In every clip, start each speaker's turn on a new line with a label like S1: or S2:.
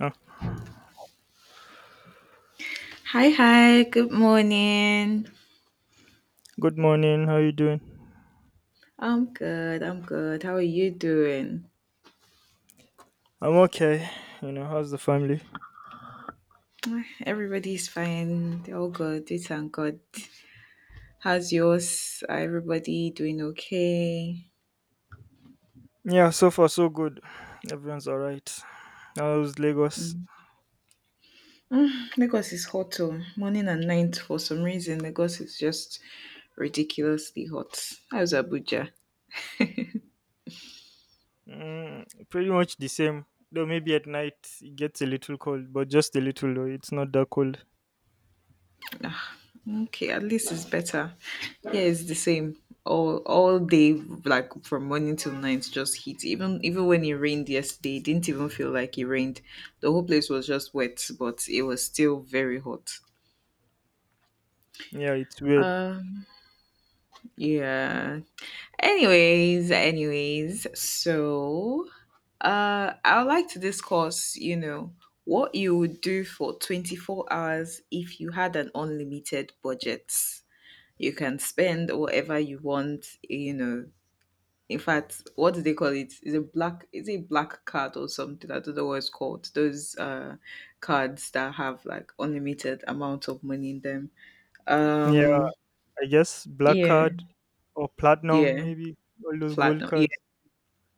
S1: Oh,
S2: Hi, hi, good morning.
S1: good morning. How you doing?
S2: I'm good, I'm good. How are you doing?
S1: I'm okay. You know, how's the family?
S2: Everybody's fine. They're all good. We thank God. How's yours? Are everybody doing okay?
S1: Yeah, so far so good. Everyone's all right. How's Lagos?
S2: Mm. Mm, Lagos is hot too. Morning and night for some reason. Lagos is just ridiculously hot. How's Abuja?
S1: Mm, pretty much the same. Though maybe at night it gets a little cold, but just a little though. It's not that cold.
S2: Ah, Okay, at least it's better. Yeah, it's the same. All day, like from morning till night, just heat. Even when it rained yesterday, it didn't even feel like it rained. The whole place was just wet, but it was still very hot.
S1: Yeah, it's weird.
S2: Um, yeah. Anyways, so I would like to discuss, you know, what you would do for 24 hours if you had an unlimited budget. You can spend whatever you want, you know. In fact, what do they call it? Is a black is it black card or something? I don't know what it's called. Those cards that have like unlimited amount of money in them.
S1: Yeah,
S2: Um
S1: I guess black
S2: yeah,
S1: card or platinum
S2: yeah.
S1: maybe. All those gold
S2: Platinum. Yeah,
S1: cards.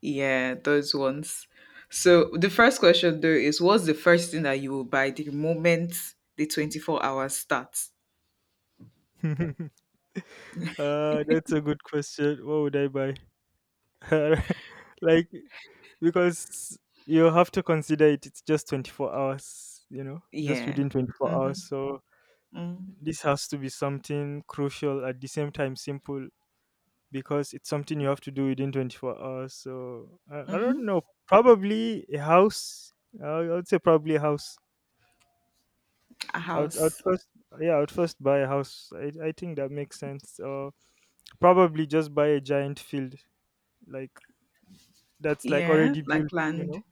S2: yeah, those ones. So the first question though is what's the first thing that you will buy the moment the 24 hours starts?
S1: uh, that's a good question. What would I buy? like Because you have to consider it, it's just 24 hours, you know, just
S2: Yeah.
S1: within 24 hours.
S2: Mm-hmm.
S1: So
S2: Mm-hmm.
S1: this has to be something crucial at the same time simple because it's something you have to do within 24 hours. So I don't
S2: Mm-hmm.
S1: know, probably a house. I would say probably a house.
S2: A
S1: I would, I would
S2: house.
S1: first, yeah, I would first buy a house. I think that makes sense. Or probably just buy a giant field like that's like
S2: Yeah.
S1: already
S2: Like
S1: built, you
S2: land.
S1: know.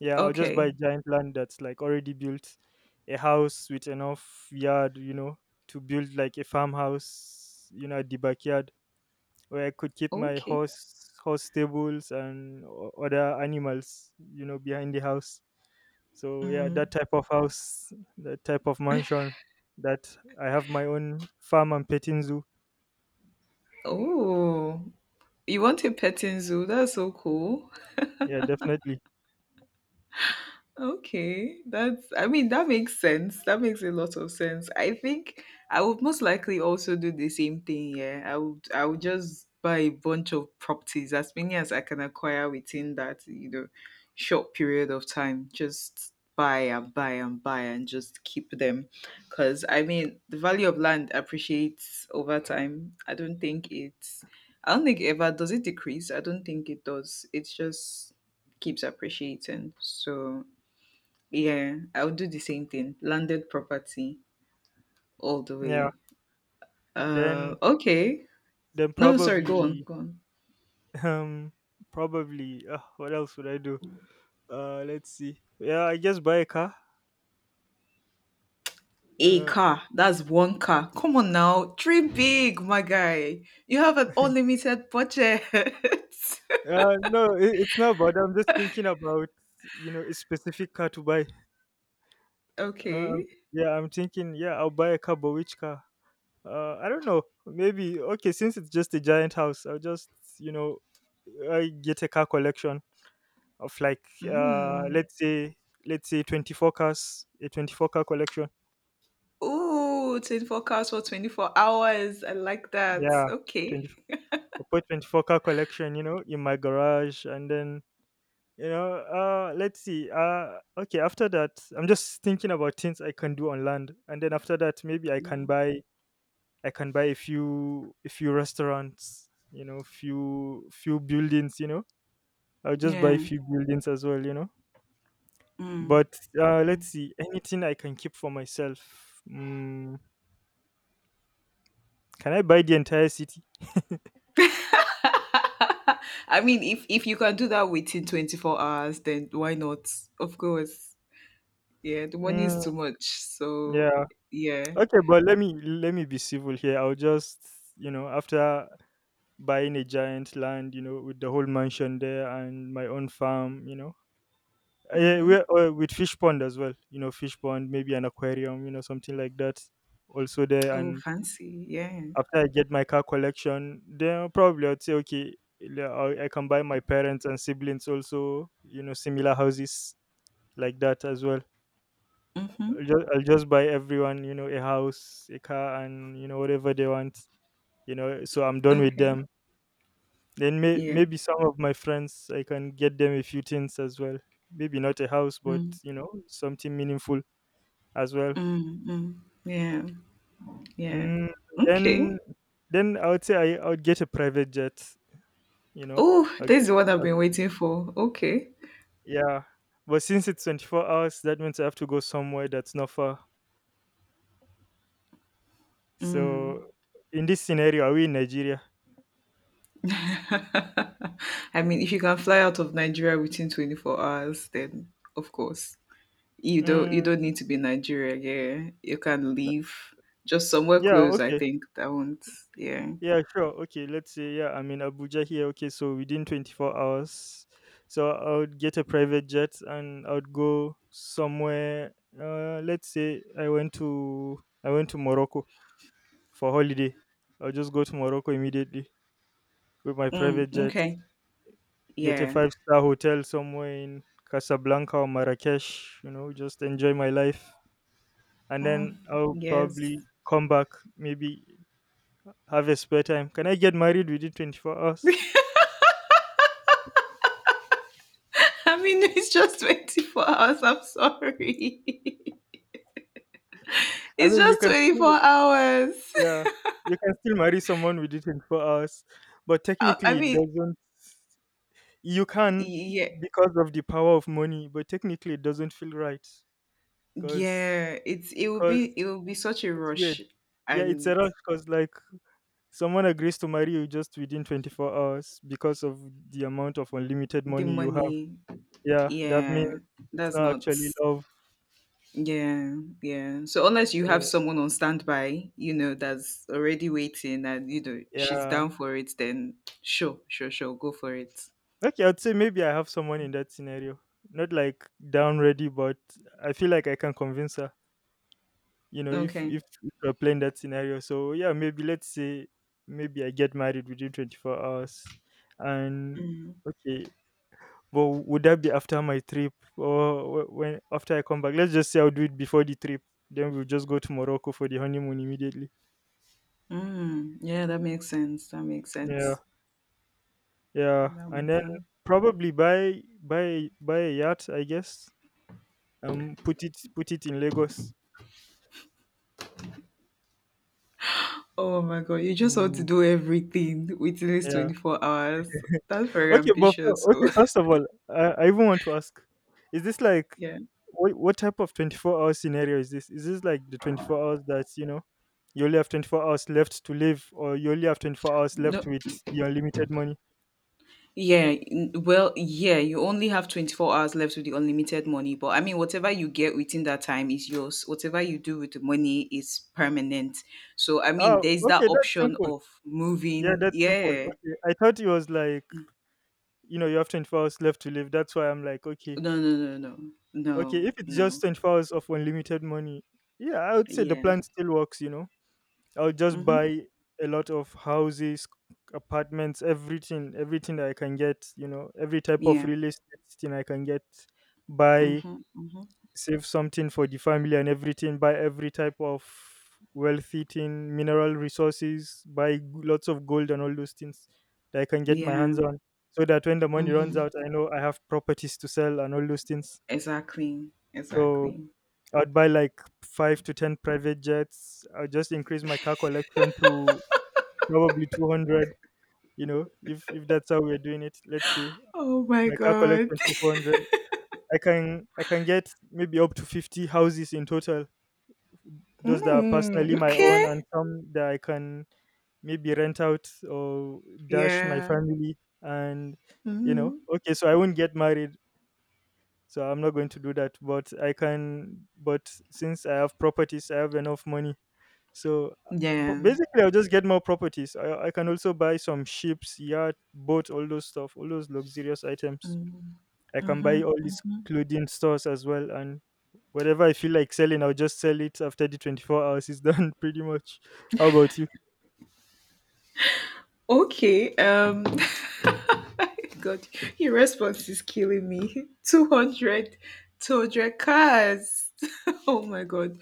S1: Yeah, I'll just
S2: Okay.
S1: buy giant land that's like already built, a house with enough yard, you know, to build like a farmhouse, you know, at the backyard where I could keep my
S2: Okay.
S1: horse stables and other animals, you know, behind the house. So yeah,
S2: Mm.
S1: that type of house, that type of mansion, that I have my own farm and petting zoo.
S2: Oh, you want a petting zoo? That's so cool.
S1: Yeah, definitely.
S2: Okay, that's, I mean, that makes sense. That makes a lot of sense. I think I would most likely also do the same thing. Yeah, I would just buy a bunch of properties, as many as I can acquire within that, you know, short period of time. Just buy and buy and buy and just keep them. Because, I mean, the value of land appreciates over time. I don't think ever does it decrease. I don't think it does. It's just keeps appreciating. So, yeah, I would do the same thing. Landed property all the
S1: Yeah,
S2: way.
S1: then
S2: Okay.
S1: then
S2: No, no, sorry. Go on,
S1: probably.
S2: go on.
S1: um probably what else would I do? Let's see. Yeah, I guess buy a car.
S2: A
S1: Uh,
S2: car. That's one car. Come on now, dream big, my guy. You have an unlimited budget.
S1: no, it's not about. That. I'm just thinking about you know a specific car to buy.
S2: okay.
S1: Um, yeah, I'm thinking. Yeah, I'll buy a car, but which car? I don't know. Maybe okay. Since it's just a giant house, I'll just you know I get a car collection. of like uh
S2: Mm.
S1: let's say let's say 24 cars, a 24 car collection.
S2: Ooh, 24 cars for 24 hours. I like that.
S1: Yeah
S2: Okay.
S1: 20 I put 24 car collection you know in my garage, and then you know let's see okay, after that, I'm just thinking about things I can do on land, and then after that maybe i can
S2: Mm.
S1: buy i can buy a few restaurants, you know, few few buildings, you know. I'll just buy a
S2: Yeah.
S1: few buildings as well, you know.
S2: Mm.
S1: But
S2: Mm.
S1: let's see, anything I can keep for myself. Can I buy the entire city?
S2: I mean, if you can do that within 24 hours, then why not? Of course. Yeah, the money is
S1: Mm,
S2: too much. So
S1: yeah.
S2: yeah.
S1: Okay, but let me be civil here. I'll just you know, after buying a giant land, you know, with the whole mansion there and my own farm, you know,
S2: Mm-hmm.
S1: we with fish pond as well. You know, fish pond, maybe an aquarium, you know, something like that. Also there,
S2: Oh,
S1: and
S2: fancy. Yeah.
S1: after I get my car collection, then probably I'd say okay, le- I can buy my parents and siblings also, you know, similar houses like that as well. I'll
S2: Mm-hmm.
S1: just, I'll just buy everyone, you know, a house, a car, and you know whatever they want. You know, so I'm done with
S2: Okay.
S1: them. Then
S2: Yeah.
S1: maybe some of my friends, I can get them a few things as well. Maybe not a house, but
S2: Mm.
S1: you know something meaningful as well.
S2: Mm. Mm. Yeah. Yeah.
S1: Mm,
S2: Okay.
S1: then then I would say I would get a private jet. You know,
S2: Oh,
S1: I'll
S2: this
S1: get,
S2: is what I've
S1: I'll-
S2: been waiting for. Okay.
S1: yeah. But since it's 24 hours, that means I have to go somewhere that's not far.
S2: Mm.
S1: So in this scenario, are we in Nigeria?
S2: I mean, if you can fly out of Nigeria within 24 hours, then of course
S1: Mm,
S2: you don't need to be in Nigeria. Yeah, you can leave just somewhere
S1: yeah,
S2: close. I
S1: okay.
S2: think that won't. Yeah.
S1: Yeah, sure. Okay, let's say yeah, I'm in Abuja here. Okay, so within 24 hours, so I would get a private jet and I would go somewhere. Let's say I went to Morocco for holiday. I'll just go to Morocco immediately with my
S2: Mm,
S1: private jet.
S2: okay.
S1: Get a
S2: Yeah.
S1: five-star hotel somewhere in Casablanca or Marrakesh. You know, just enjoy my life, and then
S2: Mm,
S1: I'll
S2: yes.
S1: probably come back. Maybe have a spare time. Can I get married within 24 hours?
S2: I mean, it's just 24 hours. I'm sorry.
S1: I
S2: It's
S1: mean,
S2: just 24 hours.
S1: yeah, you can still marry someone with it in 4 hours, but
S2: I
S1: technically it
S2: mean,
S1: doesn't. You can
S2: yeah,
S1: because of the power of money, but technically it doesn't feel right because
S2: yeah,
S1: because
S2: it will be such a
S1: it's weird.
S2: rush
S1: Yeah, it's a
S2: and
S1: rush because like someone agrees to marry you just within 24 hours because of the amount of unlimited
S2: the
S1: money you have.
S2: money,
S1: Yeah, that means
S2: yeah,
S1: it's
S2: that's
S1: not
S2: not
S1: actually love.
S2: yeah, yeah. So unless you have
S1: So
S2: someone on standby, you know, that's already waiting and you know she's
S1: yeah,
S2: down for it, then sure, sure, sure, go for it.
S1: okay, I'd say maybe I have someone in that scenario. Not like down ready, but I feel like I can convince her. You know,
S2: Okay.
S1: if we're playing that scenario, so yeah, maybe let's say maybe I get married within 24 hours, and
S2: Mm.
S1: okay, but would that be after my trip or when after I come back? Let's just say I'll do it before the trip. Then we'll just go to Morocco for the honeymoon immediately.
S2: Mm, yeah, that makes sense. That makes
S1: Yeah,
S2: sense.
S1: yeah,
S2: That
S1: and
S2: makes
S1: then
S2: sense.
S1: probably buy a yacht, I guess. Put it in Lagos.
S2: Oh my God, you just want to
S1: Mm,
S2: do everything within these
S1: yeah.
S2: 24 hours. That's very
S1: Okay, but
S2: ambitious. So,
S1: First of all, I even want to ask: is this like
S2: yeah.
S1: what type of 24 hour scenario is this? Is this like the 24 hours that's you know you only have 24 hours left to live, or you only have 24 hours
S2: No,
S1: left with the unlimited money?
S2: yeah. Well, yeah, you only have 24 hours left with the unlimited money. But I mean, whatever you get within that time is yours. Whatever you do with the money is permanent. So, I mean,
S1: Oh,
S2: there's that
S1: okay, that's
S2: option
S1: simple.
S2: of
S1: Yeah,
S2: moving.
S1: that's simple.
S2: Yeah.
S1: Okay, I thought it was like you know you have 24 hours left to live. That's why I'm like okay,
S2: No, no, no, no.
S1: okay.
S2: No,
S1: If it's just
S2: no.
S1: 24 hours of unlimited money, yeah, I would say the
S2: Yeah.
S1: plan still works. You know. I'll just
S2: Mm-hmm.
S1: buy a lot of houses, apartments, everything, everything that I can get, you know, every type of
S2: Yeah.
S1: real estate thing I can get, buy,
S2: Mhm, mhm.
S1: save something for the family and everything, buy every type of wealthy thing, mineral resources, buy lots of gold and all those things that I can get my
S2: Yeah.
S1: hands on. So that when the money runs
S2: Mhm.
S1: out, I know I have properties to sell and all those things.
S2: Exactly.
S1: So
S2: Exactly.
S1: I'd buy like 5 to 10 private jets. I'll just increase my car collection to probably 200, you know, if that's how we're doing it, let's say
S2: Oh my
S1: my car
S2: god.
S1: collection to 400. I can get maybe up to 50 houses in total, those that are
S2: Mm,
S1: personally my own
S2: okay.
S1: and some that I can maybe rent out or dash my
S2: Yeah.
S1: family and you know.
S2: Mhm.
S1: Okay, so I won't get married, so I'm not going to do that, but I can, but since I have properties I have enough money. So
S2: Yeah.
S1: basically, I'll just get more properties. I can also buy some ships, yacht, boat, all those stuff, all those luxurious items.
S2: Mm,
S1: I can buy all
S2: Mhm.
S1: these
S2: Mhm.
S1: clothing stores as well. And whatever I feel like selling, I'll just sell it after the 24 hours is done, pretty much. How about you?
S2: Okay. God, your response is killing me. 200 cars. oh my god.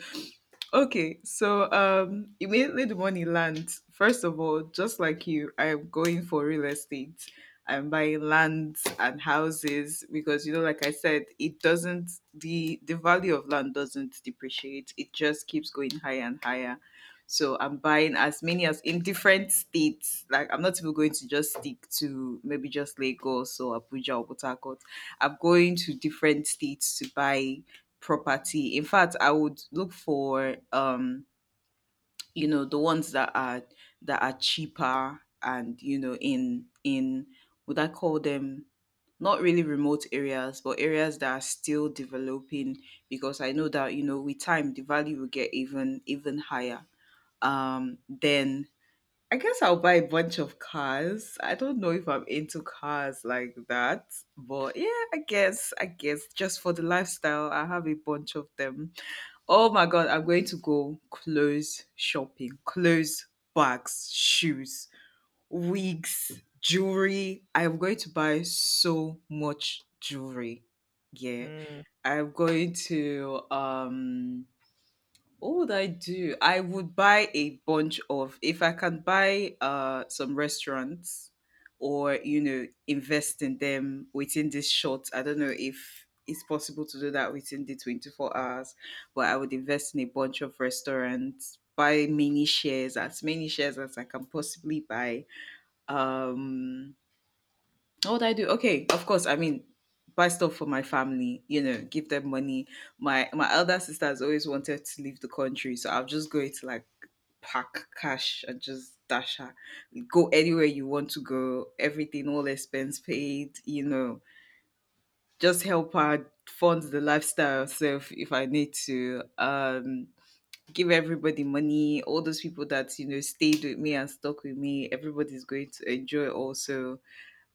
S2: Okay, so immediately the money lands. First of all, just like you, I am going for real estate. I'm buying lands and houses because you know, like I said, it doesn't the value of land doesn't depreciate. It just keeps going higher and higher. So I'm buying as many as in different states. Like I'm not even going to just stick to maybe just Lagos or Abuja or Port Harcourt. I'm going to different states to buy property. In fact, I would look for you know, the ones that are cheaper and you know in would I call them not really remote areas, but areas that are still developing because I know that you know with time the value will get even higher. Then I guess I'll buy a bunch of cars. I don't know if I'm into cars like that, but yeah, I guess just for the lifestyle, I have a bunch of them. Oh my god, I'm going to go clothes shopping, clothes, bags, shoes, wigs, jewelry. I am going to buy so much jewelry. Yeah.
S1: Mm,
S2: I'm going to what would I do? I would buy a bunch of if I can buy some restaurants or you know invest in them within this short. I don't know if it's possible to do that within the 24 hours, but I would invest in a bunch of restaurants, buy many shares as I can possibly buy. Um what would I do? Okay, of course. I mean, buy stuff for my family. You know, give them money. My elder sister has always wanted to leave the country, so I'm just going to like pack cash and just dash her. Go anywhere you want to go. Everything, all expense paid. You know, just help her fund the lifestyle herself if I need to. Give everybody money. All those people that you know stayed with me and stuck with me. Everybody's going to enjoy also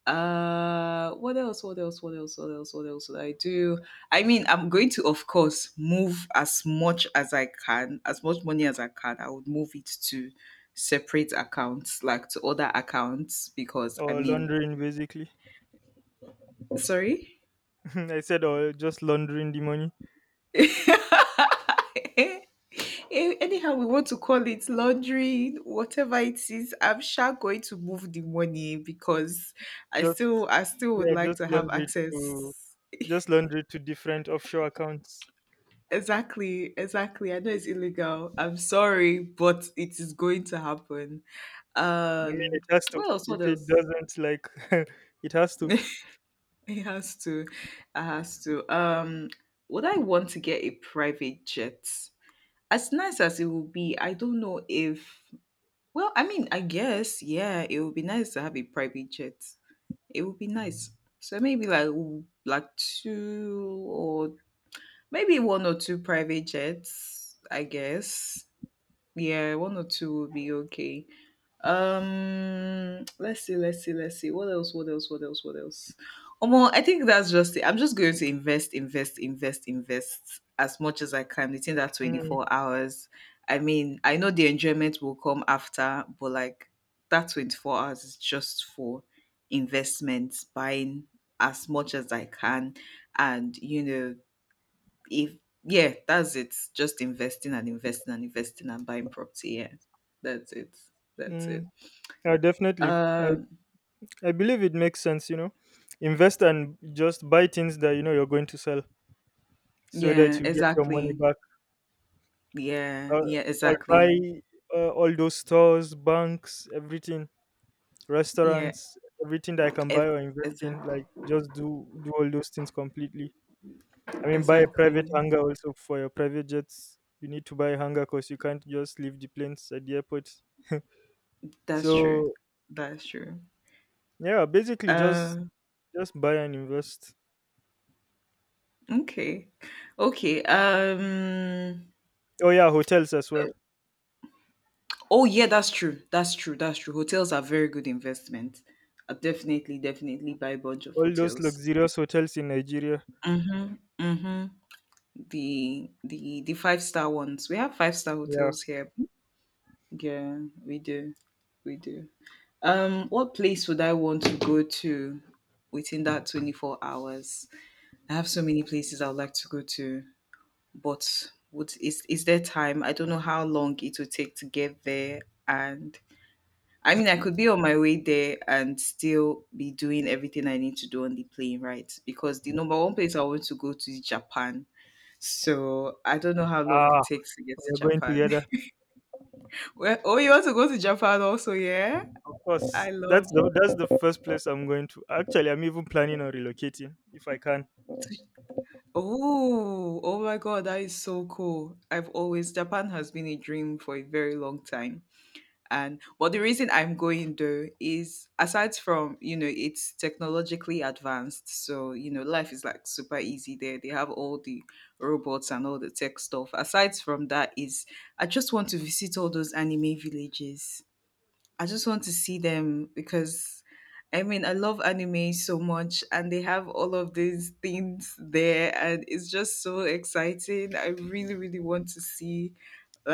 S2: what else? What else? What else? What else? What else would I do? I mean, I'm going to, of course, move as much as I can, as much money as I can. I would move it to separate accounts, like to other accounts, because I
S1: or
S2: mean,
S1: laundering, basically.
S2: sorry.
S1: I said, or just laundering the money.
S2: Eh, anyhow, we want to call it laundry, whatever it is. I'm sure going to move the money because
S1: Just
S2: I still would
S1: yeah,
S2: like
S1: just
S2: to have
S1: launder it to
S2: access.
S1: just launder it to different offshore accounts.
S2: Exactly, exactly. I know it's illegal. I'm sorry, but it is going to happen.
S1: I mean,
S2: Um,
S1: it has to.
S2: what else? What
S1: If it
S2: else?
S1: doesn't, like, it has to.
S2: It has to. It has to. Would I want to get a private jet? As nice as it will be, I don't know if. Well, I mean, I guess yeah, it would be nice to have a private jet. It would be nice. So maybe like like two or maybe one or two private jets. I guess yeah, one or two will be okay. Let's see, let's see, let's see. What else? What else? What else? What else? Omo, I think that's just it. I'm just going to invest as much as I can within that
S1: Mm,
S2: 24 hours. I mean, I know the enjoyment will come after, but like that 24 hours is just for investments, buying as much as I can, and you know if yeah, that's it. Just investing and investing and investing and buying property. Yeah, that's it. That's
S1: mm,
S2: it.
S1: yeah, definitely.
S2: Um,
S1: I believe it makes sense, you know. Invest and just buy things that you know you're going to sell so
S2: yeah,
S1: that you get your money
S2: exactly.
S1: back.
S2: Yeah,
S1: Uh,
S2: yeah,
S1: or buy
S2: exactly.
S1: uh, all those stores, banks, everything.
S2: Yeah,
S1: Restaurants, everything that I can buy
S2: e-
S1: or invest
S2: exactly,
S1: in, like just do do all those things completely. I mean, buy a private
S2: exactly.
S1: hangar also for your private jets. You need to buy a hangar because you can't just leave the planes at the airport.
S2: That's true.
S1: So
S2: That's true.
S1: yeah, basically
S2: Um,
S1: just buy and invest.
S2: okay, okay.
S1: Oh yeah, hotels as well.
S2: Oh yeah, that's true. That's true. That's true. Hotels are very good investment. Definitely buy a bunch of
S1: All those
S2: hotels.
S1: luxurious hotels in Nigeria.
S2: Mm-hmm. Mm-hmm. The five-star ones. We have five-star
S1: Yeah.
S2: hotels here. Yeah, we do. We do. What place would I want to go to within that 24 hours? I have so many places I would like to go to, but would is there time? I don't know how long it would take to get there and I mean I could be on my way there and still be doing everything I need to do on the plane, right? Because the number one place I want to go to is Japan so I don't know how long it
S1: Ah,
S2: takes to get to
S1: we're going
S2: Japan.
S1: together.
S2: Well, oh, you want to go to Japan also, yeah?
S1: Of course,
S2: I love.
S1: that's the first place I'm going to. Actually, I'm even planning on relocating if I can.
S2: Oh, oh my God, that is so cool. I've always Japan has been a dream for a very long time. And but the reason I'm going there is aside from, you know, it's technologically advanced. So, you know, life is like super easy there. They have all the robots and all the tech stuff. Aside from that is I just want to visit all those anime villages. I just want to see them because I mean I love anime so much and they have all of these things there and it's just so exciting. I really, really want to see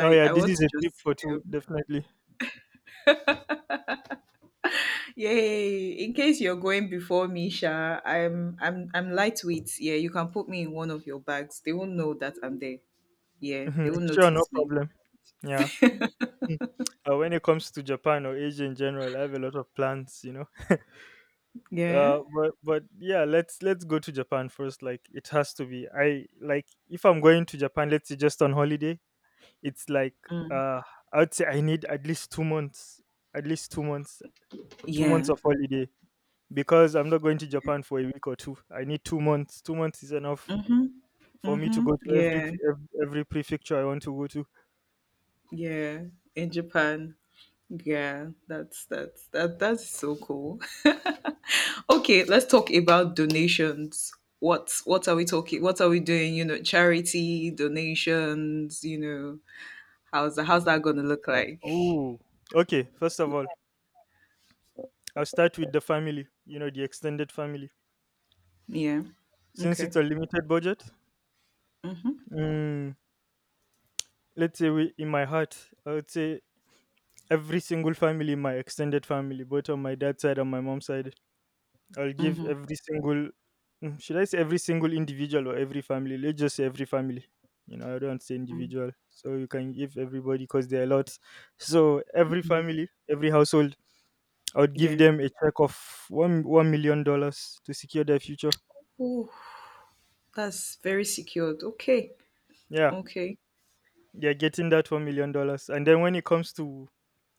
S1: Oh yeah,
S2: I
S1: this
S2: want
S1: is
S2: to
S1: a trip
S2: just see
S1: for two,
S2: them.
S1: definitely.
S2: Yay! In case you're going before me, Sha, I'm lightweight. Yeah, you can put me in one of your bags. They won't know that I'm there.
S1: Mhm.
S2: Yeah, they won't
S1: Sure, no
S2: notice me.
S1: problem. Yeah. Mm. When it comes to Japan or Asia in general, I have a lot of plans, you know.
S2: Yeah.
S1: But but yeah, let's go to Japan first. Like it has to be. I like if I'm going to Japan, let's say just on holiday, it's like
S2: Mm.
S1: uh, I'd say I need at least 2 months, at least 2 months, 2 months
S2: Yeah.
S1: of holiday because I'm not going to Japan for a week or two. I need 2 months. 2 months is enough
S2: Mm-hmm.
S1: for me to
S2: Mm-hmm.
S1: go to
S2: Yeah.
S1: every prefecture I want to go to.
S2: Yeah. In Japan. Yeah, that's so cool. Okay, let's talk about donations. What are we talking? What are we doing? You know, charity donations. You know, how's that gonna look like?
S1: Ooh. Okay, first of all, I'll start with the family, you know, the extended family.
S2: Yeah.
S1: Since
S2: Okay.
S1: it's a limited budget,
S2: Mhm.
S1: mm, let's say we, in my heart, I would say every single family in my extended family, both on my dad's side and my mom's side, I'll give
S2: Mhm.
S1: every single, should I say every single individual or every family? Let's just say every family. You know, I don't say
S2: Mm-hmm.
S1: individual, so you can give everybody because there are lots. So every
S2: Mm-hmm.
S1: family, every household, I would give
S2: Yeah.
S1: them a check of one $1 million dollars to secure their future.
S2: Oh, that's very secured. Okay.
S1: Yeah,
S2: Okay.
S1: they're getting that $1 million. And then when it comes to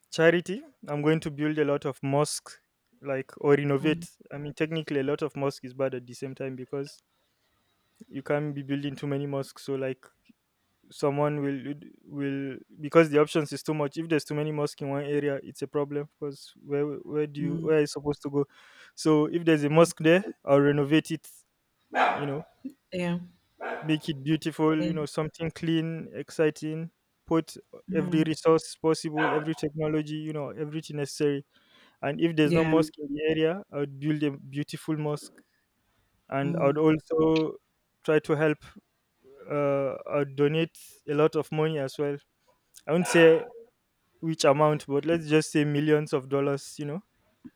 S1: charity, I'm going to build a lot of mosques, like, or
S2: Mm.
S1: renovate. I mean, technically, a lot of mosque is bad at the same time because you can't be building too many mosques. So like someone will because the options is too much. If there's too many mosques in one area, it's a problem because where do you
S2: Mm.
S1: where are you supposed to go? So if there's a mosque there, I'll renovate it. You know,
S2: Yeah.
S1: make it beautiful,
S2: Yeah.
S1: you know, something clean, exciting, put every
S2: Mm.
S1: resource possible, every technology, you know, everything necessary. And if there's no
S2: Yeah.
S1: mosque in the area, I would build a beautiful mosque. And I would
S2: Mm.
S1: also try to help, I would donate a lot of money as well. I won't say which amount, but let's just say millions of dollars, you know,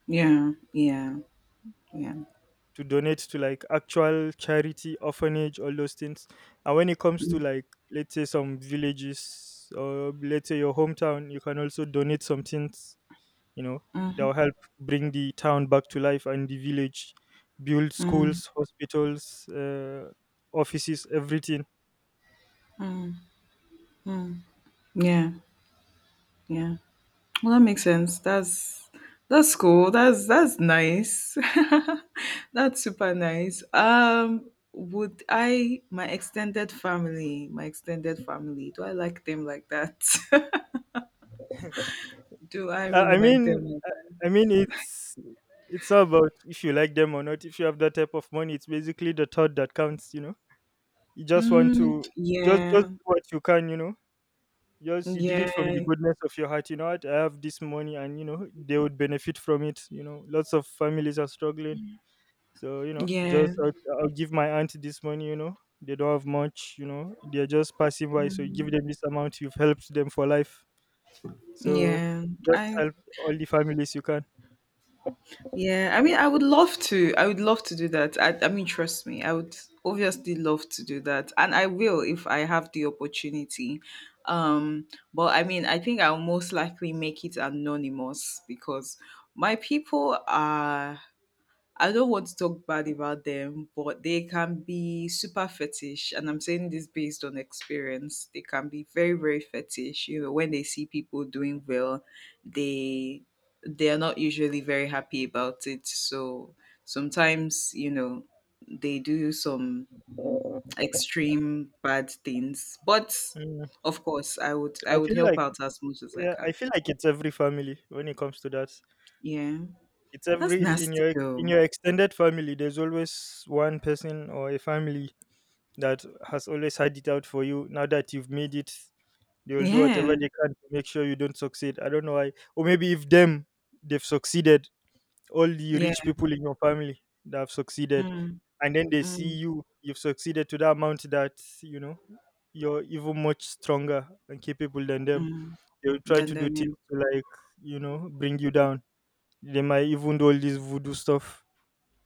S2: Yeah. Yeah. Yeah.
S1: to donate to like actual charity, orphanage, all those things. And when it comes to
S2: Mm-hmm.
S1: like let's say some villages or let's say your hometown, you can also donate some things, you know, that
S2: Mm-hmm.
S1: will help bring the town back to life and the village, build
S2: Mm-hmm,
S1: schools, hospitals, offices, everything.
S2: mm-hmm. Yeah, yeah. Well, that makes sense. That's cool. That's nice. That's super nice. Would I my extended family, do I like them like that? Do I
S1: I,
S2: really
S1: I
S2: like
S1: mean,
S2: them like
S1: I,
S2: that?
S1: I mean it's all about if you like them or not. If you have that type of money, it's basically the thought that counts. You know, you just want
S2: Mm,
S1: to just
S2: yeah,
S1: do what you can. You know, yes, you did it from the
S2: yeah,
S1: goodness of your heart. You know what? I have this money, and you know they would benefit from it. You know, lots of families are struggling, so you know,
S2: yeah,
S1: I'll give my aunt this money. You know, they don't have much. You know, they're just passing by, so you give them this amount. You've helped them for life. So
S2: yeah.
S1: just
S2: I
S1: help all the families you can.
S2: Yeah, I mean, I would love to. I would love to do that. I mean, trust me, I would obviously love to do that, and I will if I have the opportunity. Um, but I mean, I think I'll most likely make it anonymous because my people are, I don't want to talk bad about them, but they can be super fetish. And I'm saying this based on experience. They can be very, very fetish. You know, when they see people doing well, they they are not usually very happy about it. So sometimes, you know, they do some extreme bad things. But
S1: Mm,
S2: of course, I would I
S1: I
S2: would
S1: feel
S2: help
S1: like
S2: out as much as I
S1: yeah,
S2: can.
S1: I feel like it's every family when it comes to that.
S2: Yeah.
S1: It's
S2: That's
S1: every
S2: nasty
S1: in
S2: though.
S1: your extended family. There's always one person or a family that has always had it out for you. Now that you've made it, they will do
S2: Yeah.
S1: whatever they can to make sure you don't succeed. I don't know why. Or maybe if them they've succeeded, all the
S2: Yeah.
S1: rich people in your family that have succeeded,
S2: Mm,
S1: and then they see
S2: mm,
S1: you, you've succeeded to that amount that you know you're even much stronger and capable than them.
S2: mm.
S1: They will try
S2: Than
S1: to do
S2: them,
S1: things
S2: name.
S1: to like you know bring you down. They might even do all this voodoo stuff.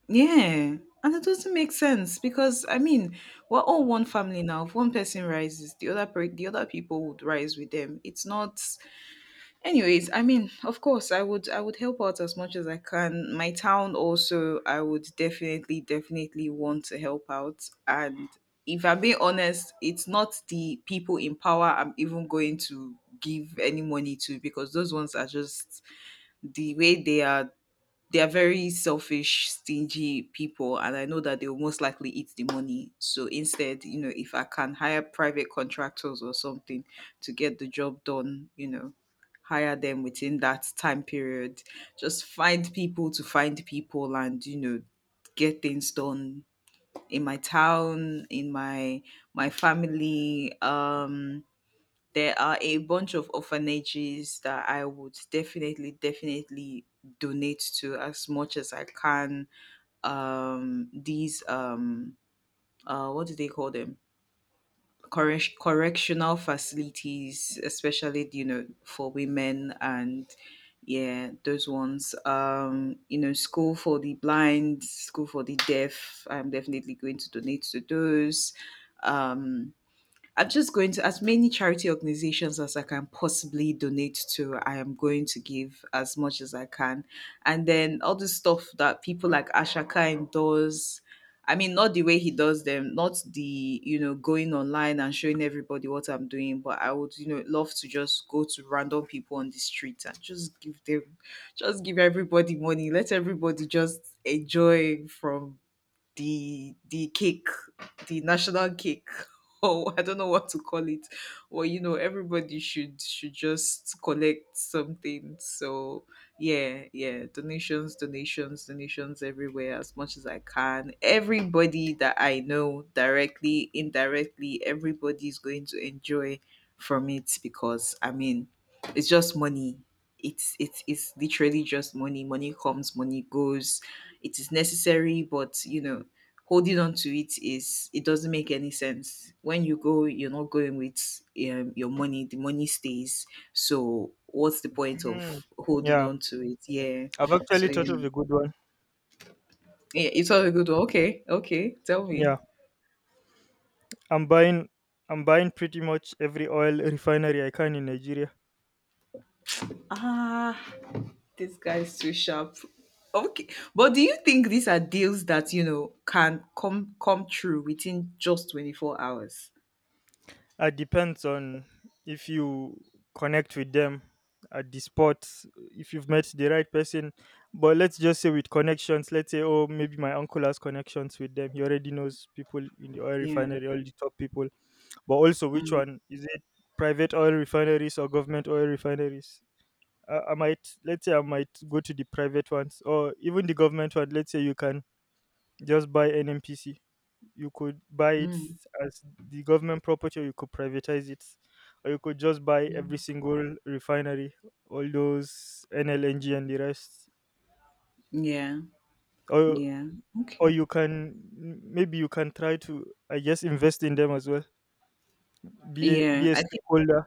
S2: Yeah. And it doesn't make sense because I mean, we're all one family now. If one person rises, the other people would rise with them. It's not, anyways, I mean, of course I would help out as much as I can. My town also I would definitely, definitely want to help out. And if I'm being honest, it's not the people in power I'm even going to give any money to because those ones are just the way they are, they are very selfish, stingy people, and I know that they will most likely eat the money. So instead, you know, if I can hire private contractors or something to get the job done, you know, hire them within that time period, just find people and, you know, get things done in my town, in my family. There are a bunch of orphanages that I would definitely, definitely donate to as much as I can. These What do they call them? Correctional facilities, especially you know for women and yeah, those ones. You know, school for the blind, school for the deaf. I'm definitely going to donate to those. Um, I'm just going to as many charity organizations as I can possibly donate to. I am going to give as much as I can, and then all the stuff that people like Ashaka does. I mean, not the way he does them, not the, you know, going online and showing everybody what I'm doing, but I would, you know, love to just go to random people on the street and just just give everybody money. Let everybody just enjoy from the cake, the national cake, or I don't know what to call it. Or you know, everybody should just collect something. So yeah, yeah, donations, donations, donations everywhere as much as I can. Everybody that I know, directly, indirectly, everybody's going to enjoy from it because I mean, it's just money. It's literally just money. Money comes, money goes, it is necessary but you know holding on to it is, it doesn't make any sense. When you go, you're not going with your money. The money stays. So what's the point of
S1: Mm,
S2: holding
S1: yeah,
S2: on to it? Yeah.
S1: I've
S2: So
S1: actually
S2: you
S1: thought of
S2: know,
S1: a good one.
S2: yeah, it's all a good one. Okay, okay. Tell me.
S1: Yeah. I'm buying I'm buying pretty much every oil refinery I can in Nigeria.
S2: Ah, this guy's too sharp. Okay, but do you think these are deals that you know can come true within just 24 hours?
S1: It depends on if you connect with them at the spot, if you've met the right person. But let's just say with connections, let's say, oh, maybe my uncle has connections with them. He already knows people in the oil
S2: Yeah.
S1: refinery, all the top people. But also, which
S2: Mm,
S1: one? Is it private oil refineries or government oil refineries? I might let's say I might go to the private ones or even the government one. Let's say you can just buy NMPC. You could buy it
S2: mm,
S1: as the government property, or you could privatize it, or you could just buy every
S2: mm.
S1: single refinery, all those NLNG and the rest,
S2: Yeah.
S1: or
S2: Yeah.
S1: or
S2: Okay.
S1: you can maybe you can try to I guess invest in them as well. Be
S2: Yeah.
S1: a
S2: I think.
S1: stakeholder.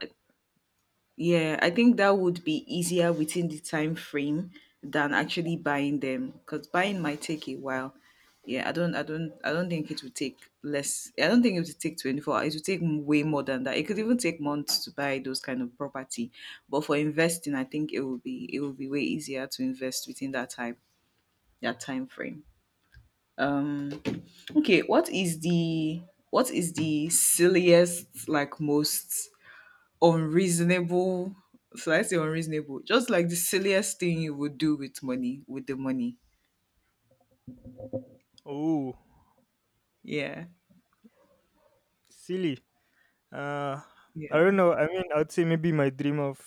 S2: Yeah, I think that would be easier within the time frame than actually buying them because buying might take a while. Yeah, I don't think it would take less. I don't think it would take 24. It would take way more than that. It could even take months to buy those kind of property. But for investing, I think it will be way easier to invest within that time frame. Um, okay, what is the, what is the silliest like most unreasonable, so I say unreasonable, just like the silliest thing you would do with money, with the money.
S1: Oh,
S2: Yeah.
S1: silly. Uh, I
S2: Yeah.
S1: don't know. I mean, I'd say maybe my dream of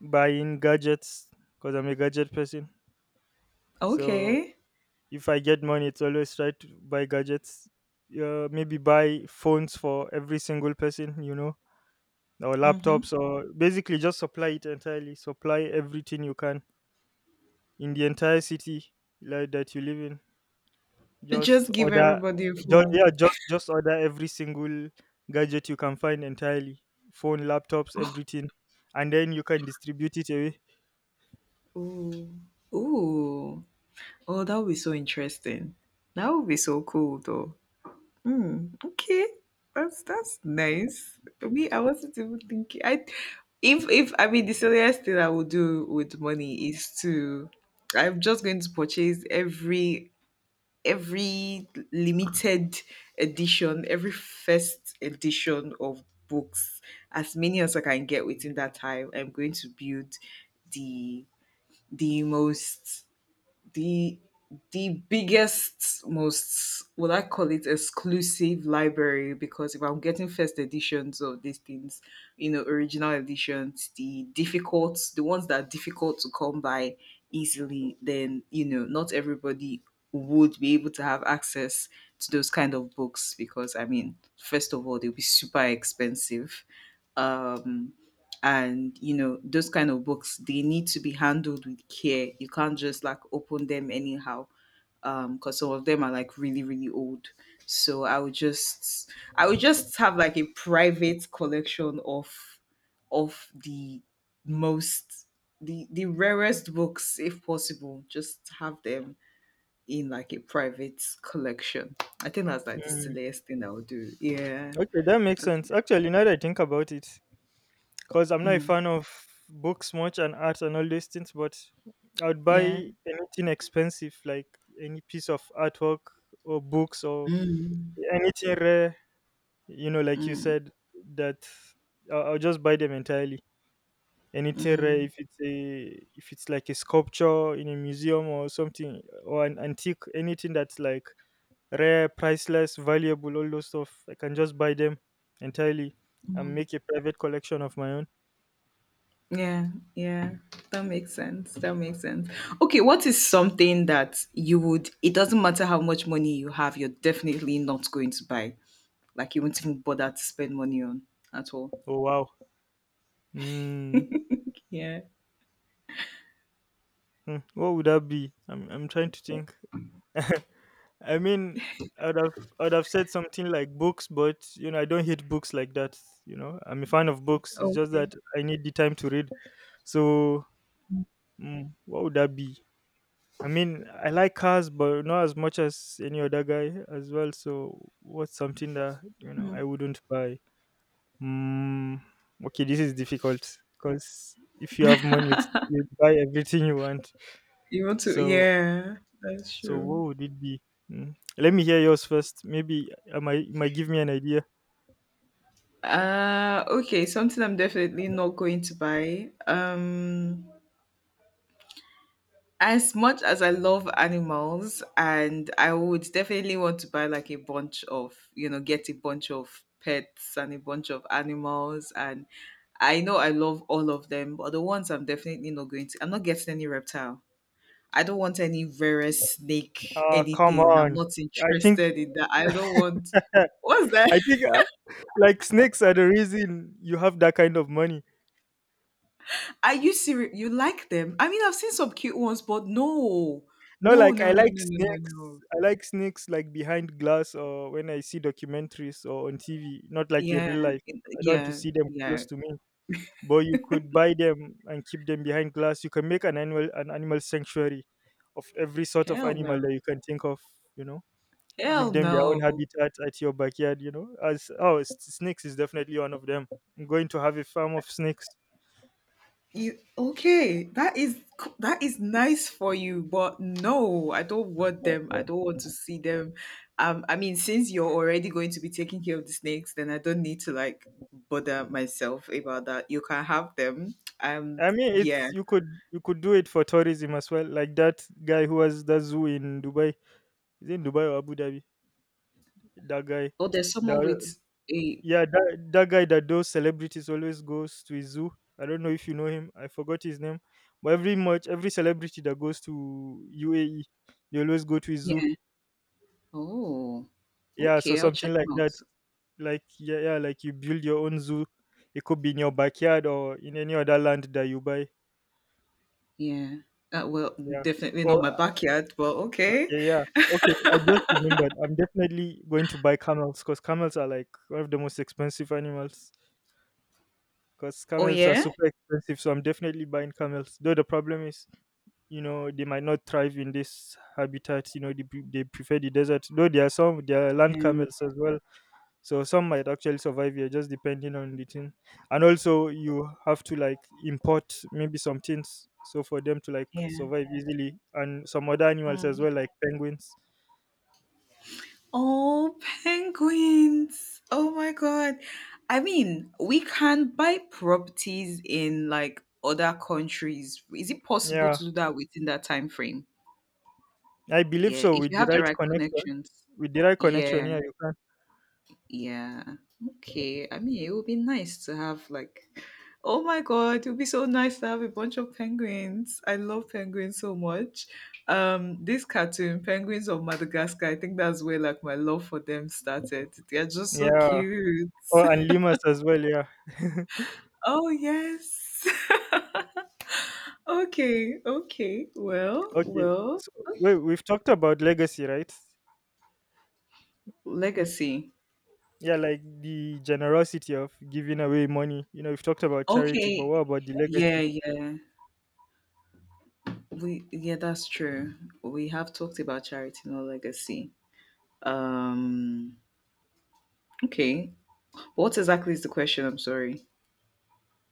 S1: buying gadgets because I'm a gadget person. So
S2: Okay.
S1: if I get money, it's always try to buy gadgets. Maybe buy phones for every single person, you know, or
S2: Mm-hmm.
S1: laptops, or basically just supply it entirely. Supply everything you can in the entire city like that you live in. Just
S2: Just give
S1: order,
S2: everybody a
S1: just,
S2: phone.
S1: yeah, just order every single gadget you can find entirely. Phone, laptops, everything, and then you can distribute it away.
S2: Ooh. Ooh. Oh, that would be so interesting. That would be so cool though. Hmm. Okay. That's nice. Me, I wasn't even thinking I If I mean the silliest thing I would do with money is to, I'm just going to purchase every limited edition, every first edition of books, as many as I can get within that time. I'm going to build the the most, the the biggest, most, would I call it, exclusive library because if I'm getting first editions of these things, you know, original editions, the ones that are difficult to come by easily, then you know, not everybody would be able to have access to those kind of books because I mean, first of all, they'll be super expensive. Um and you know those kind of books, they need to be handled with care, you can't just like open them anyhow, because some of them are like really really old, so I would just have like a private collection of the most, the rarest books if possible, just have them in like a private collection. I think that's like the
S1: Mm,
S2: silliest thing I would do. Yeah,
S1: okay, that makes
S2: that's,
S1: sense. Actually, now that I think about it, because I'm not a
S2: mm,
S1: fan of books much and art and all these things, but I would buy
S2: yeah,
S1: anything expensive, like any piece of artwork or books or
S2: mm,
S1: anything rare, you know, like you
S2: mm,
S1: said, that I'll just buy them entirely. And it's a
S2: mm.
S1: if it's a if it's like a sculpture in a museum or something or an antique, anything that's like rare, priceless, valuable, all those stuff, I can just buy them entirely and make a private collection of my own.
S2: Yeah, yeah. That makes sense. That makes sense. Okay, what is something that you would, it doesn't matter how much money you have, you're definitely not going to buy. Like you won't even bother to spend money on at all.
S1: Oh wow. Mm.
S2: Yeah.
S1: Hmm, what would that be? I'm trying to think. I mean, I'd have said something like books, but you know, I don't hate books like that. You know, I'm a fan of books. It's just
S2: Okay.
S1: that I need the time to read. So, mm, what would that be? I mean, I like cars, but not as much as any other guy as well. So, what's something that you know I wouldn't buy? Mm, okay, this is difficult because if you have money, you'd buy everything you want.
S2: You want to,
S1: So,
S2: yeah, that's
S1: so
S2: true.
S1: what would it be? Mm. Let me hear yours first. Maybe I might it might give me an idea.
S2: Uh, okay, something I'm definitely not going to buy. As much as I love animals and I would definitely want to buy like a bunch of, you know, get a bunch of pets and a bunch of animals, and I know I love all of them, but the ones I'm definitely not going to I'm not getting any reptile. I don't want any various snake,
S1: Ah, come
S2: anything. I'm
S1: on.
S2: not
S1: I think
S2: interested in that. I don't want, what's that?
S1: I think like snakes are the reason you have that kind of money.
S2: Are you serious? You like them? I mean I've seen some cute ones, but no.
S1: No,
S2: No,
S1: like
S2: no,
S1: I
S2: no,
S1: like
S2: no, no, no,
S1: snakes.
S2: no.
S1: I like snakes like behind glass or when I see documentaries or on TV, not like in
S2: Yeah,
S1: real life. I don't want to
S2: yeah,
S1: see them
S2: yeah.
S1: close to me. But you could buy them and keep them behind glass. You can make an animal sanctuary of every sort of
S2: Hell
S1: animal that
S2: no.
S1: you can think of. You know, give
S2: Hell
S1: them their own
S2: no.
S1: habitat at your backyard. You know, as oh, snakes is definitely one of them. I'm going to have a farm of snakes.
S2: You okay? That is nice for you, but no, I don't want them. I don't want to see them. I mean, since you're already going to be taking care of the snakes, then I don't need to like bother myself about that. You can have them. Um,
S1: I mean,
S2: yeah.
S1: it's you could do it for tourism as well. Like that guy who has that zoo in Dubai. Is it in Dubai or Abu Dhabi? That guy,
S2: Oh, there's someone
S1: that
S2: with a,
S1: yeah, that that guy that those celebrities always goes to his zoo. I don't know if you know him. I forgot his name. But every much every celebrity that goes to UAE, they always go to his zoo.
S2: yeah. Oh,
S1: Yeah, so
S2: okay. I'll check
S1: something like
S2: him out.
S1: that. Like yeah, yeah, like you build your own zoo. It could be in your backyard or in any other land that you buy.
S2: Yeah. Well,
S1: Yeah.
S2: definitely not my
S1: Or
S2: backyard, but okay.
S1: yeah, yeah. Okay, I just remembered. I'm definitely going to buy camels because camels are like one of the most expensive animals. Because
S2: Oh
S1: camels are
S2: yeah.
S1: super expensive, so I'm definitely buying camels. Though the problem is, you know, they might not thrive in this habitat. You know, they prefer the desert. Though there are some, there are land
S2: Yeah.
S1: camels as well. So some might actually survive here, just depending on the thing. And also, you have to like import maybe some things, so for them to like survive easily, and some other animals as
S2: Yeah.
S1: well, like penguins.
S2: Oh, penguins. Oh my God. I mean, we can buy properties in like other countries. Is it possible
S1: Yeah.
S2: to do that within that time frame?
S1: I believe
S2: Yeah,
S1: so
S2: if
S1: with
S2: you
S1: the
S2: have the
S1: right
S2: right
S1: connection.
S2: connections.
S1: With the right
S2: Yeah.
S1: connection, yeah, you can.
S2: Yeah. Okay. I mean, it would be nice to have like, oh my God, it would be so nice to have a bunch of penguins. I love penguins so much. This cartoon, Penguins of Madagascar, I think that's where like my love for them started. They're just so
S1: Yeah.
S2: cute.
S1: Oh, and Limas as well, yeah.
S2: Oh yes. Okay. Okay. Well.
S1: Okay.
S2: Well.
S1: So wait, we've talked about legacy, right?
S2: Legacy.
S1: Yeah, like the generosity of giving away money. You know, we've talked about charity, but
S2: Okay.
S1: what about the
S2: Yeah.
S1: legacy?
S2: Yeah. We. Yeah. That's true. We have talked about charity, no legacy. Um, okay. What exactly is the question? I'm sorry.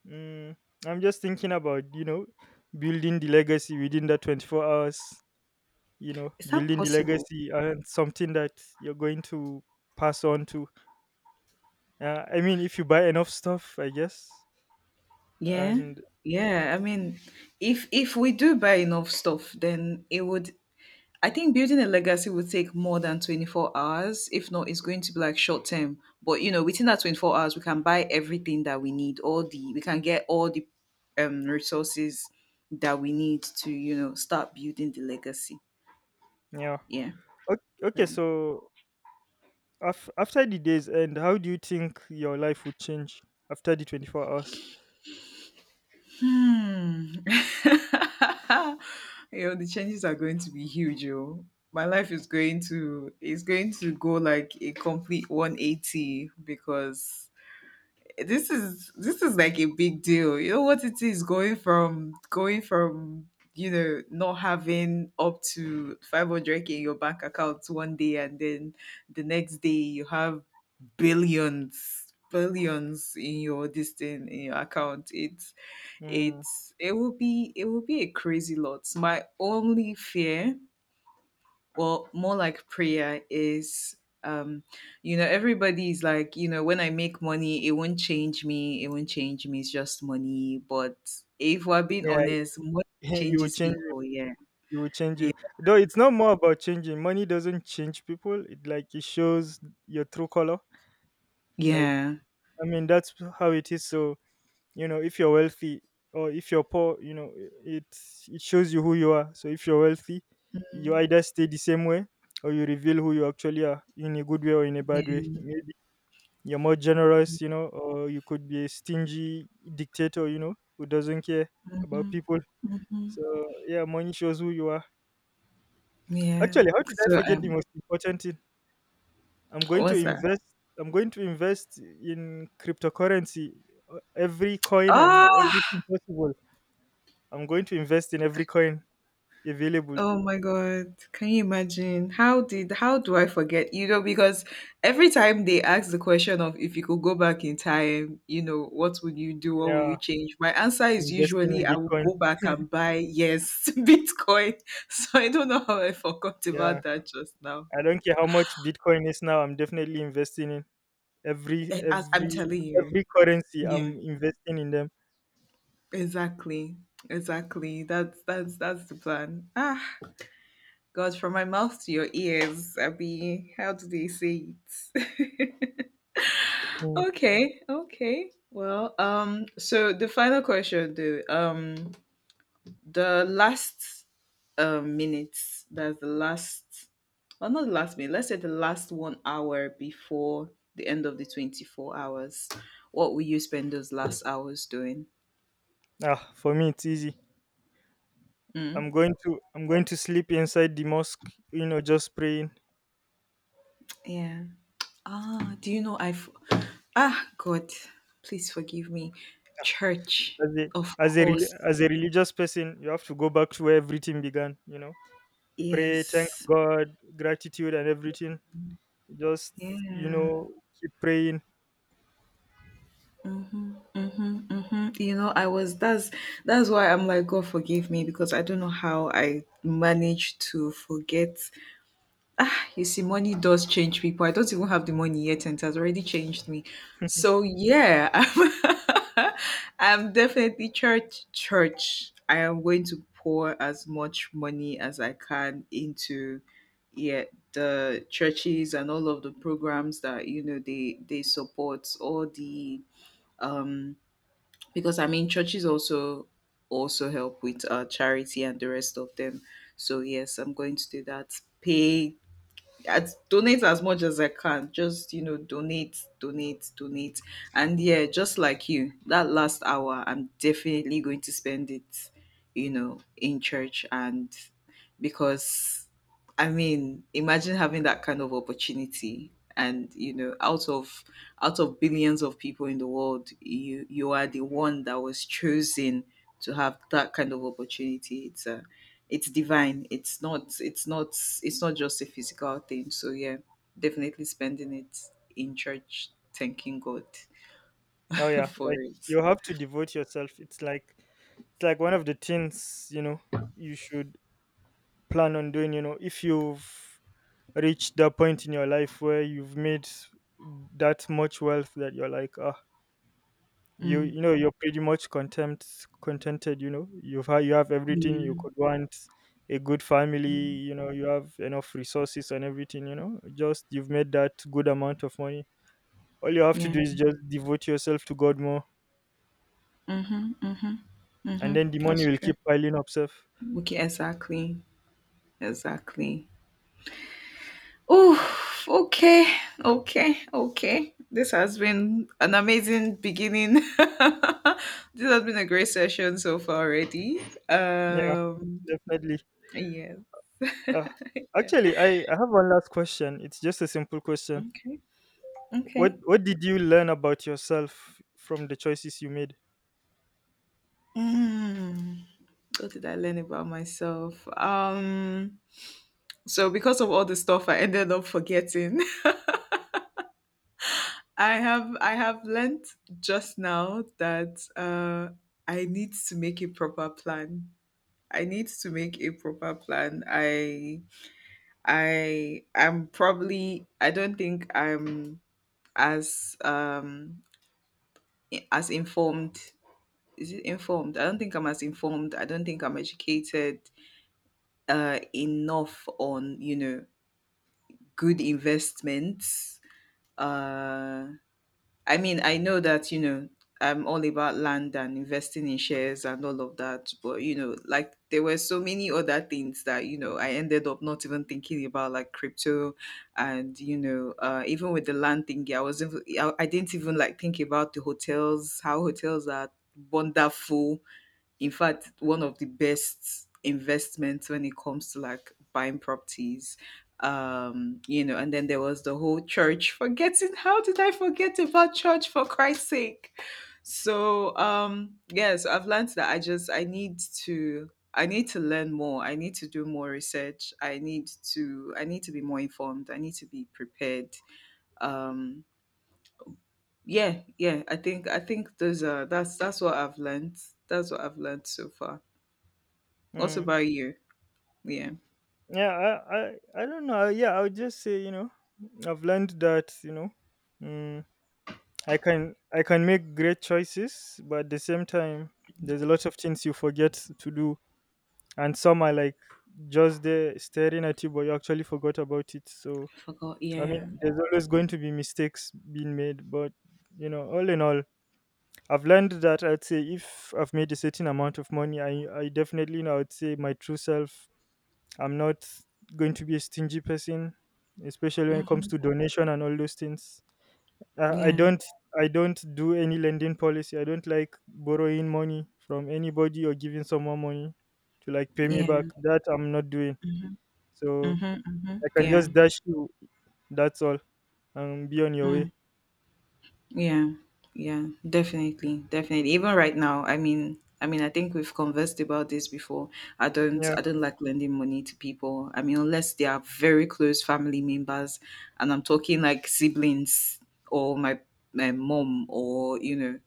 S1: Mm, I'm just thinking about, you know, building the legacy within that 24 hours, you know,
S2: Is that
S1: building the
S2: possible?
S1: legacy and something that you're going to pass on to. Yeah, I mean, if you buy enough stuff, I guess.
S2: Yeah.
S1: And
S2: Yeah. I mean, if we do buy enough stuff, then it would, I think building a legacy would take more than 24 hours. If not, it's going to be like short term. But you know, within that 24 hours, we can buy everything that we need, all the, we can get all the resources that we need to, you know, start building the legacy.
S1: yeah.
S2: Yeah.
S1: Okay, okay,
S2: Right.
S1: so after the day's end, how do you think your life would change after the 24 hours?
S2: Hmm. Yo, the changes are going to be huge, yo. My life is going to go like a complete 180 because this is like a big deal. You know what it is, going from not having up to 500K in your bank account 1 day, and then the next day you have billions, in your this thing in your account. It's
S1: Mm,
S2: it will be, a crazy lot. My only fear, or more like prayer, is um everybody's like, you know, when I make money, it won't change me, it's just money. But if we're being
S1: yeah,
S2: honest, money
S1: it will
S2: changes
S1: change you.
S2: people. Yeah,
S1: It will change
S2: yeah,
S1: you. Though it's not more about changing. Money doesn't change people. It like it shows your true color. Like
S2: yeah.
S1: I mean, that's how it is. So you know, if you're wealthy or if you're poor, you know, it it shows you who you are. So if you're wealthy, you
S2: Mhm.
S1: either stay the same way or you reveal who you actually are in a good way or in a bad
S2: Yeah.
S1: way. Maybe you're more generous, you know, or you could be a stingy dictator, you know, who doesn't care about people.
S2: Mhm.
S1: So yeah, money shows who you are.
S2: Yeah.
S1: Actually, how did I
S2: so
S1: forget the
S2: um
S1: most important thing? I'm going to
S2: what's that?
S1: invest. I'm going to invest in cryptocurrency, every coin and
S2: Oh.
S1: everything possible. I'm going to invest in every coin available.
S2: Oh my God. Can you imagine? How do I forget? You know, because every time they ask the question of, if you could go back in time, you know, what would you do? What would you
S1: Yeah,
S2: change? My answer is
S1: investing
S2: usually
S1: in
S2: I would
S1: Bitcoin.
S2: go back and buy, yes, Bitcoin. So I don't know how I forgot
S1: Yeah,
S2: about that just now.
S1: I don't care how much Bitcoin is now. I'm definitely investing in every
S2: As I'm
S1: every
S2: telling you.
S1: every currency.
S2: Yeah,
S1: I'm investing in them.
S2: exactly. Exactly. That's the plan. Ah, God, from my mouth to your ears, Abby. How do they say it?
S1: Mm.
S2: Okay, okay. Well, so the final question, though, the last minutes, that's the last, well, not the last minute. Let's say the last 1 hour before the end of the 24 hours. What will you spend those last hours doing?
S1: Ah, for me it's easy.
S2: Hmm.
S1: I'm going to sleep inside the mosque. You know, just praying.
S2: Yeah. Ah, do you know I've? Ah, God, please forgive me. Church,
S1: as a
S2: of
S1: as a
S2: course.
S1: as a religious person, you have to go back to where everything began, you know, pray, thank
S2: Yes.
S1: God, gratitude and everything, just, you
S2: Yeah.
S1: know, keep praying.
S2: Mhm, mhm, mhm. You know, I was that's why I'm like, God forgive me, because I don't know how I managed to forget. Ah, you see, money does change people. I don't even have the money yet, and it has already changed me. So yeah, I'm definitely church. I am going to pour as much money as I can into, yeah, the churches and all of the programs that, you know, they support. All the um, because I mean, churches also help with charity and the rest of them. So yes, I'm going to do that. Pay at donate as much as I can. Just, you know, donate, donate, donate, and yeah, just like you, that last hour, I'm definitely going to spend it, you know, in church, and because, I mean, imagine having that kind of opportunity, and you know, out of billions of people in the world, you are the one that was chosen to have that kind of opportunity. It's a, it's divine. It's not just a physical thing. So yeah, definitely spending it in church, thanking God
S1: Oh yeah,
S2: for
S1: like
S2: it.
S1: you have to devote yourself. It's like it's like one of the things, you know, you should plan on doing, you know, if you've reached that point in your life where you've made that much wealth that you're like, ah,
S2: Mm.
S1: you know, you're pretty much content contented, you know, you have everything you
S2: Yeah.
S1: could want, a good family,
S2: Mm.
S1: you know, you have enough resources and everything, you know, just you've made that good amount of money. All you have to
S2: Yeah.
S1: do is just devote yourself to God more,
S2: Mhm. Mhm.
S1: and
S2: Mhm.
S1: then the money
S2: That's
S1: will
S2: true.
S1: keep piling up self.
S2: Okay, exactly. Exactly. Oh, okay. Okay. Okay. This has been an amazing beginning. This has been a great session so far already.
S1: Yeah,
S2: Um
S1: definitely.
S2: Yes.
S1: uh,
S2: Yeah.
S1: actually, I have one last question. It's just a simple question.
S2: Okay.
S1: what
S2: Okay.
S1: what did you learn about yourself from the choices you made?
S2: Mm. What did I learn about myself? So because of all the stuff I ended up forgetting, I have learned just now that, I need to make a proper plan. I need to make a proper plan. I am probably, I don't think I'm as um as informed, is it informed? I don't think I'm as informed. I don't think I'm educated enough on, you know, good investments. Uh, I mean, I know that, you know, I'm all about land and investing in shares and all of that, but you know, like, there were so many other things that, you know, I ended up not even thinking about, like crypto, and you know, even with the land thing, I wasn't, I didn't even like think about the hotels, how hotels are wonderful, in fact one of the best investments when it comes to like buying properties. You know, and then there was the whole church forgetting. How did I forget about church, for Christ's sake? So, yeah, so I've learned that I just, I need to learn more, I need to do more research, I need to be more informed, I need to be prepared. um yeah, yeah. I think those are, that's what I've learned. That's what I've learned so far. What
S1: Mm.
S2: about you? Yeah.
S1: Yeah, I don't know. Yeah, I would just say, you know, I've learned that, you know, mm, I can make great choices, but at the same time, there's a lot of things you forget to do, and some are like just there staring at you, but you actually forgot about it. So
S2: Forgot.
S1: I mean,
S2: Yeah.
S1: there's always going to be mistakes being made, but you know, all in all, I've learned that I'd say if I've made a certain amount of money, I definitely know I'd say my true self. I'm not going to be a stingy person, especially when it comes
S2: Mhm.
S1: to donation and all those things. Uh, I
S2: Yeah.
S1: don't I don't do any lending policy. I don't like borrowing money from anybody or giving someone money to like pay me
S2: Yeah.
S1: back. That I'm not doing.
S2: Mhm.
S1: So
S2: Mhm. Mhm.
S1: I can
S2: Yeah.
S1: just dash you. That's all, and be on your
S2: Mm.
S1: way.
S2: Yeah. Yeah. Definitely. Definitely. Even right now, I mean, I think we've conversed about this before.
S1: Yeah.
S2: I don't like lending money to people. I mean, unless they are very close family members, and I'm talking like siblings, or my mom, or you know,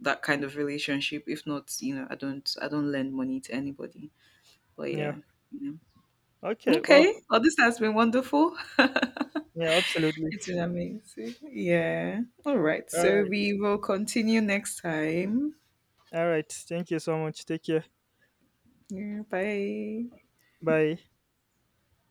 S2: that kind of relationship. If not, you know, I don't lend money to anybody. But yeah.
S1: Yeah. Okay. Well,
S2: Okay. Well, this has been wonderful.
S1: yeah, absolutely.
S2: It's been amazing. Yeah. All right.
S1: All
S2: So
S1: right.
S2: we will continue next time.
S1: All right. Thank you so much. Take care.
S2: Yeah, bye.
S1: Bye.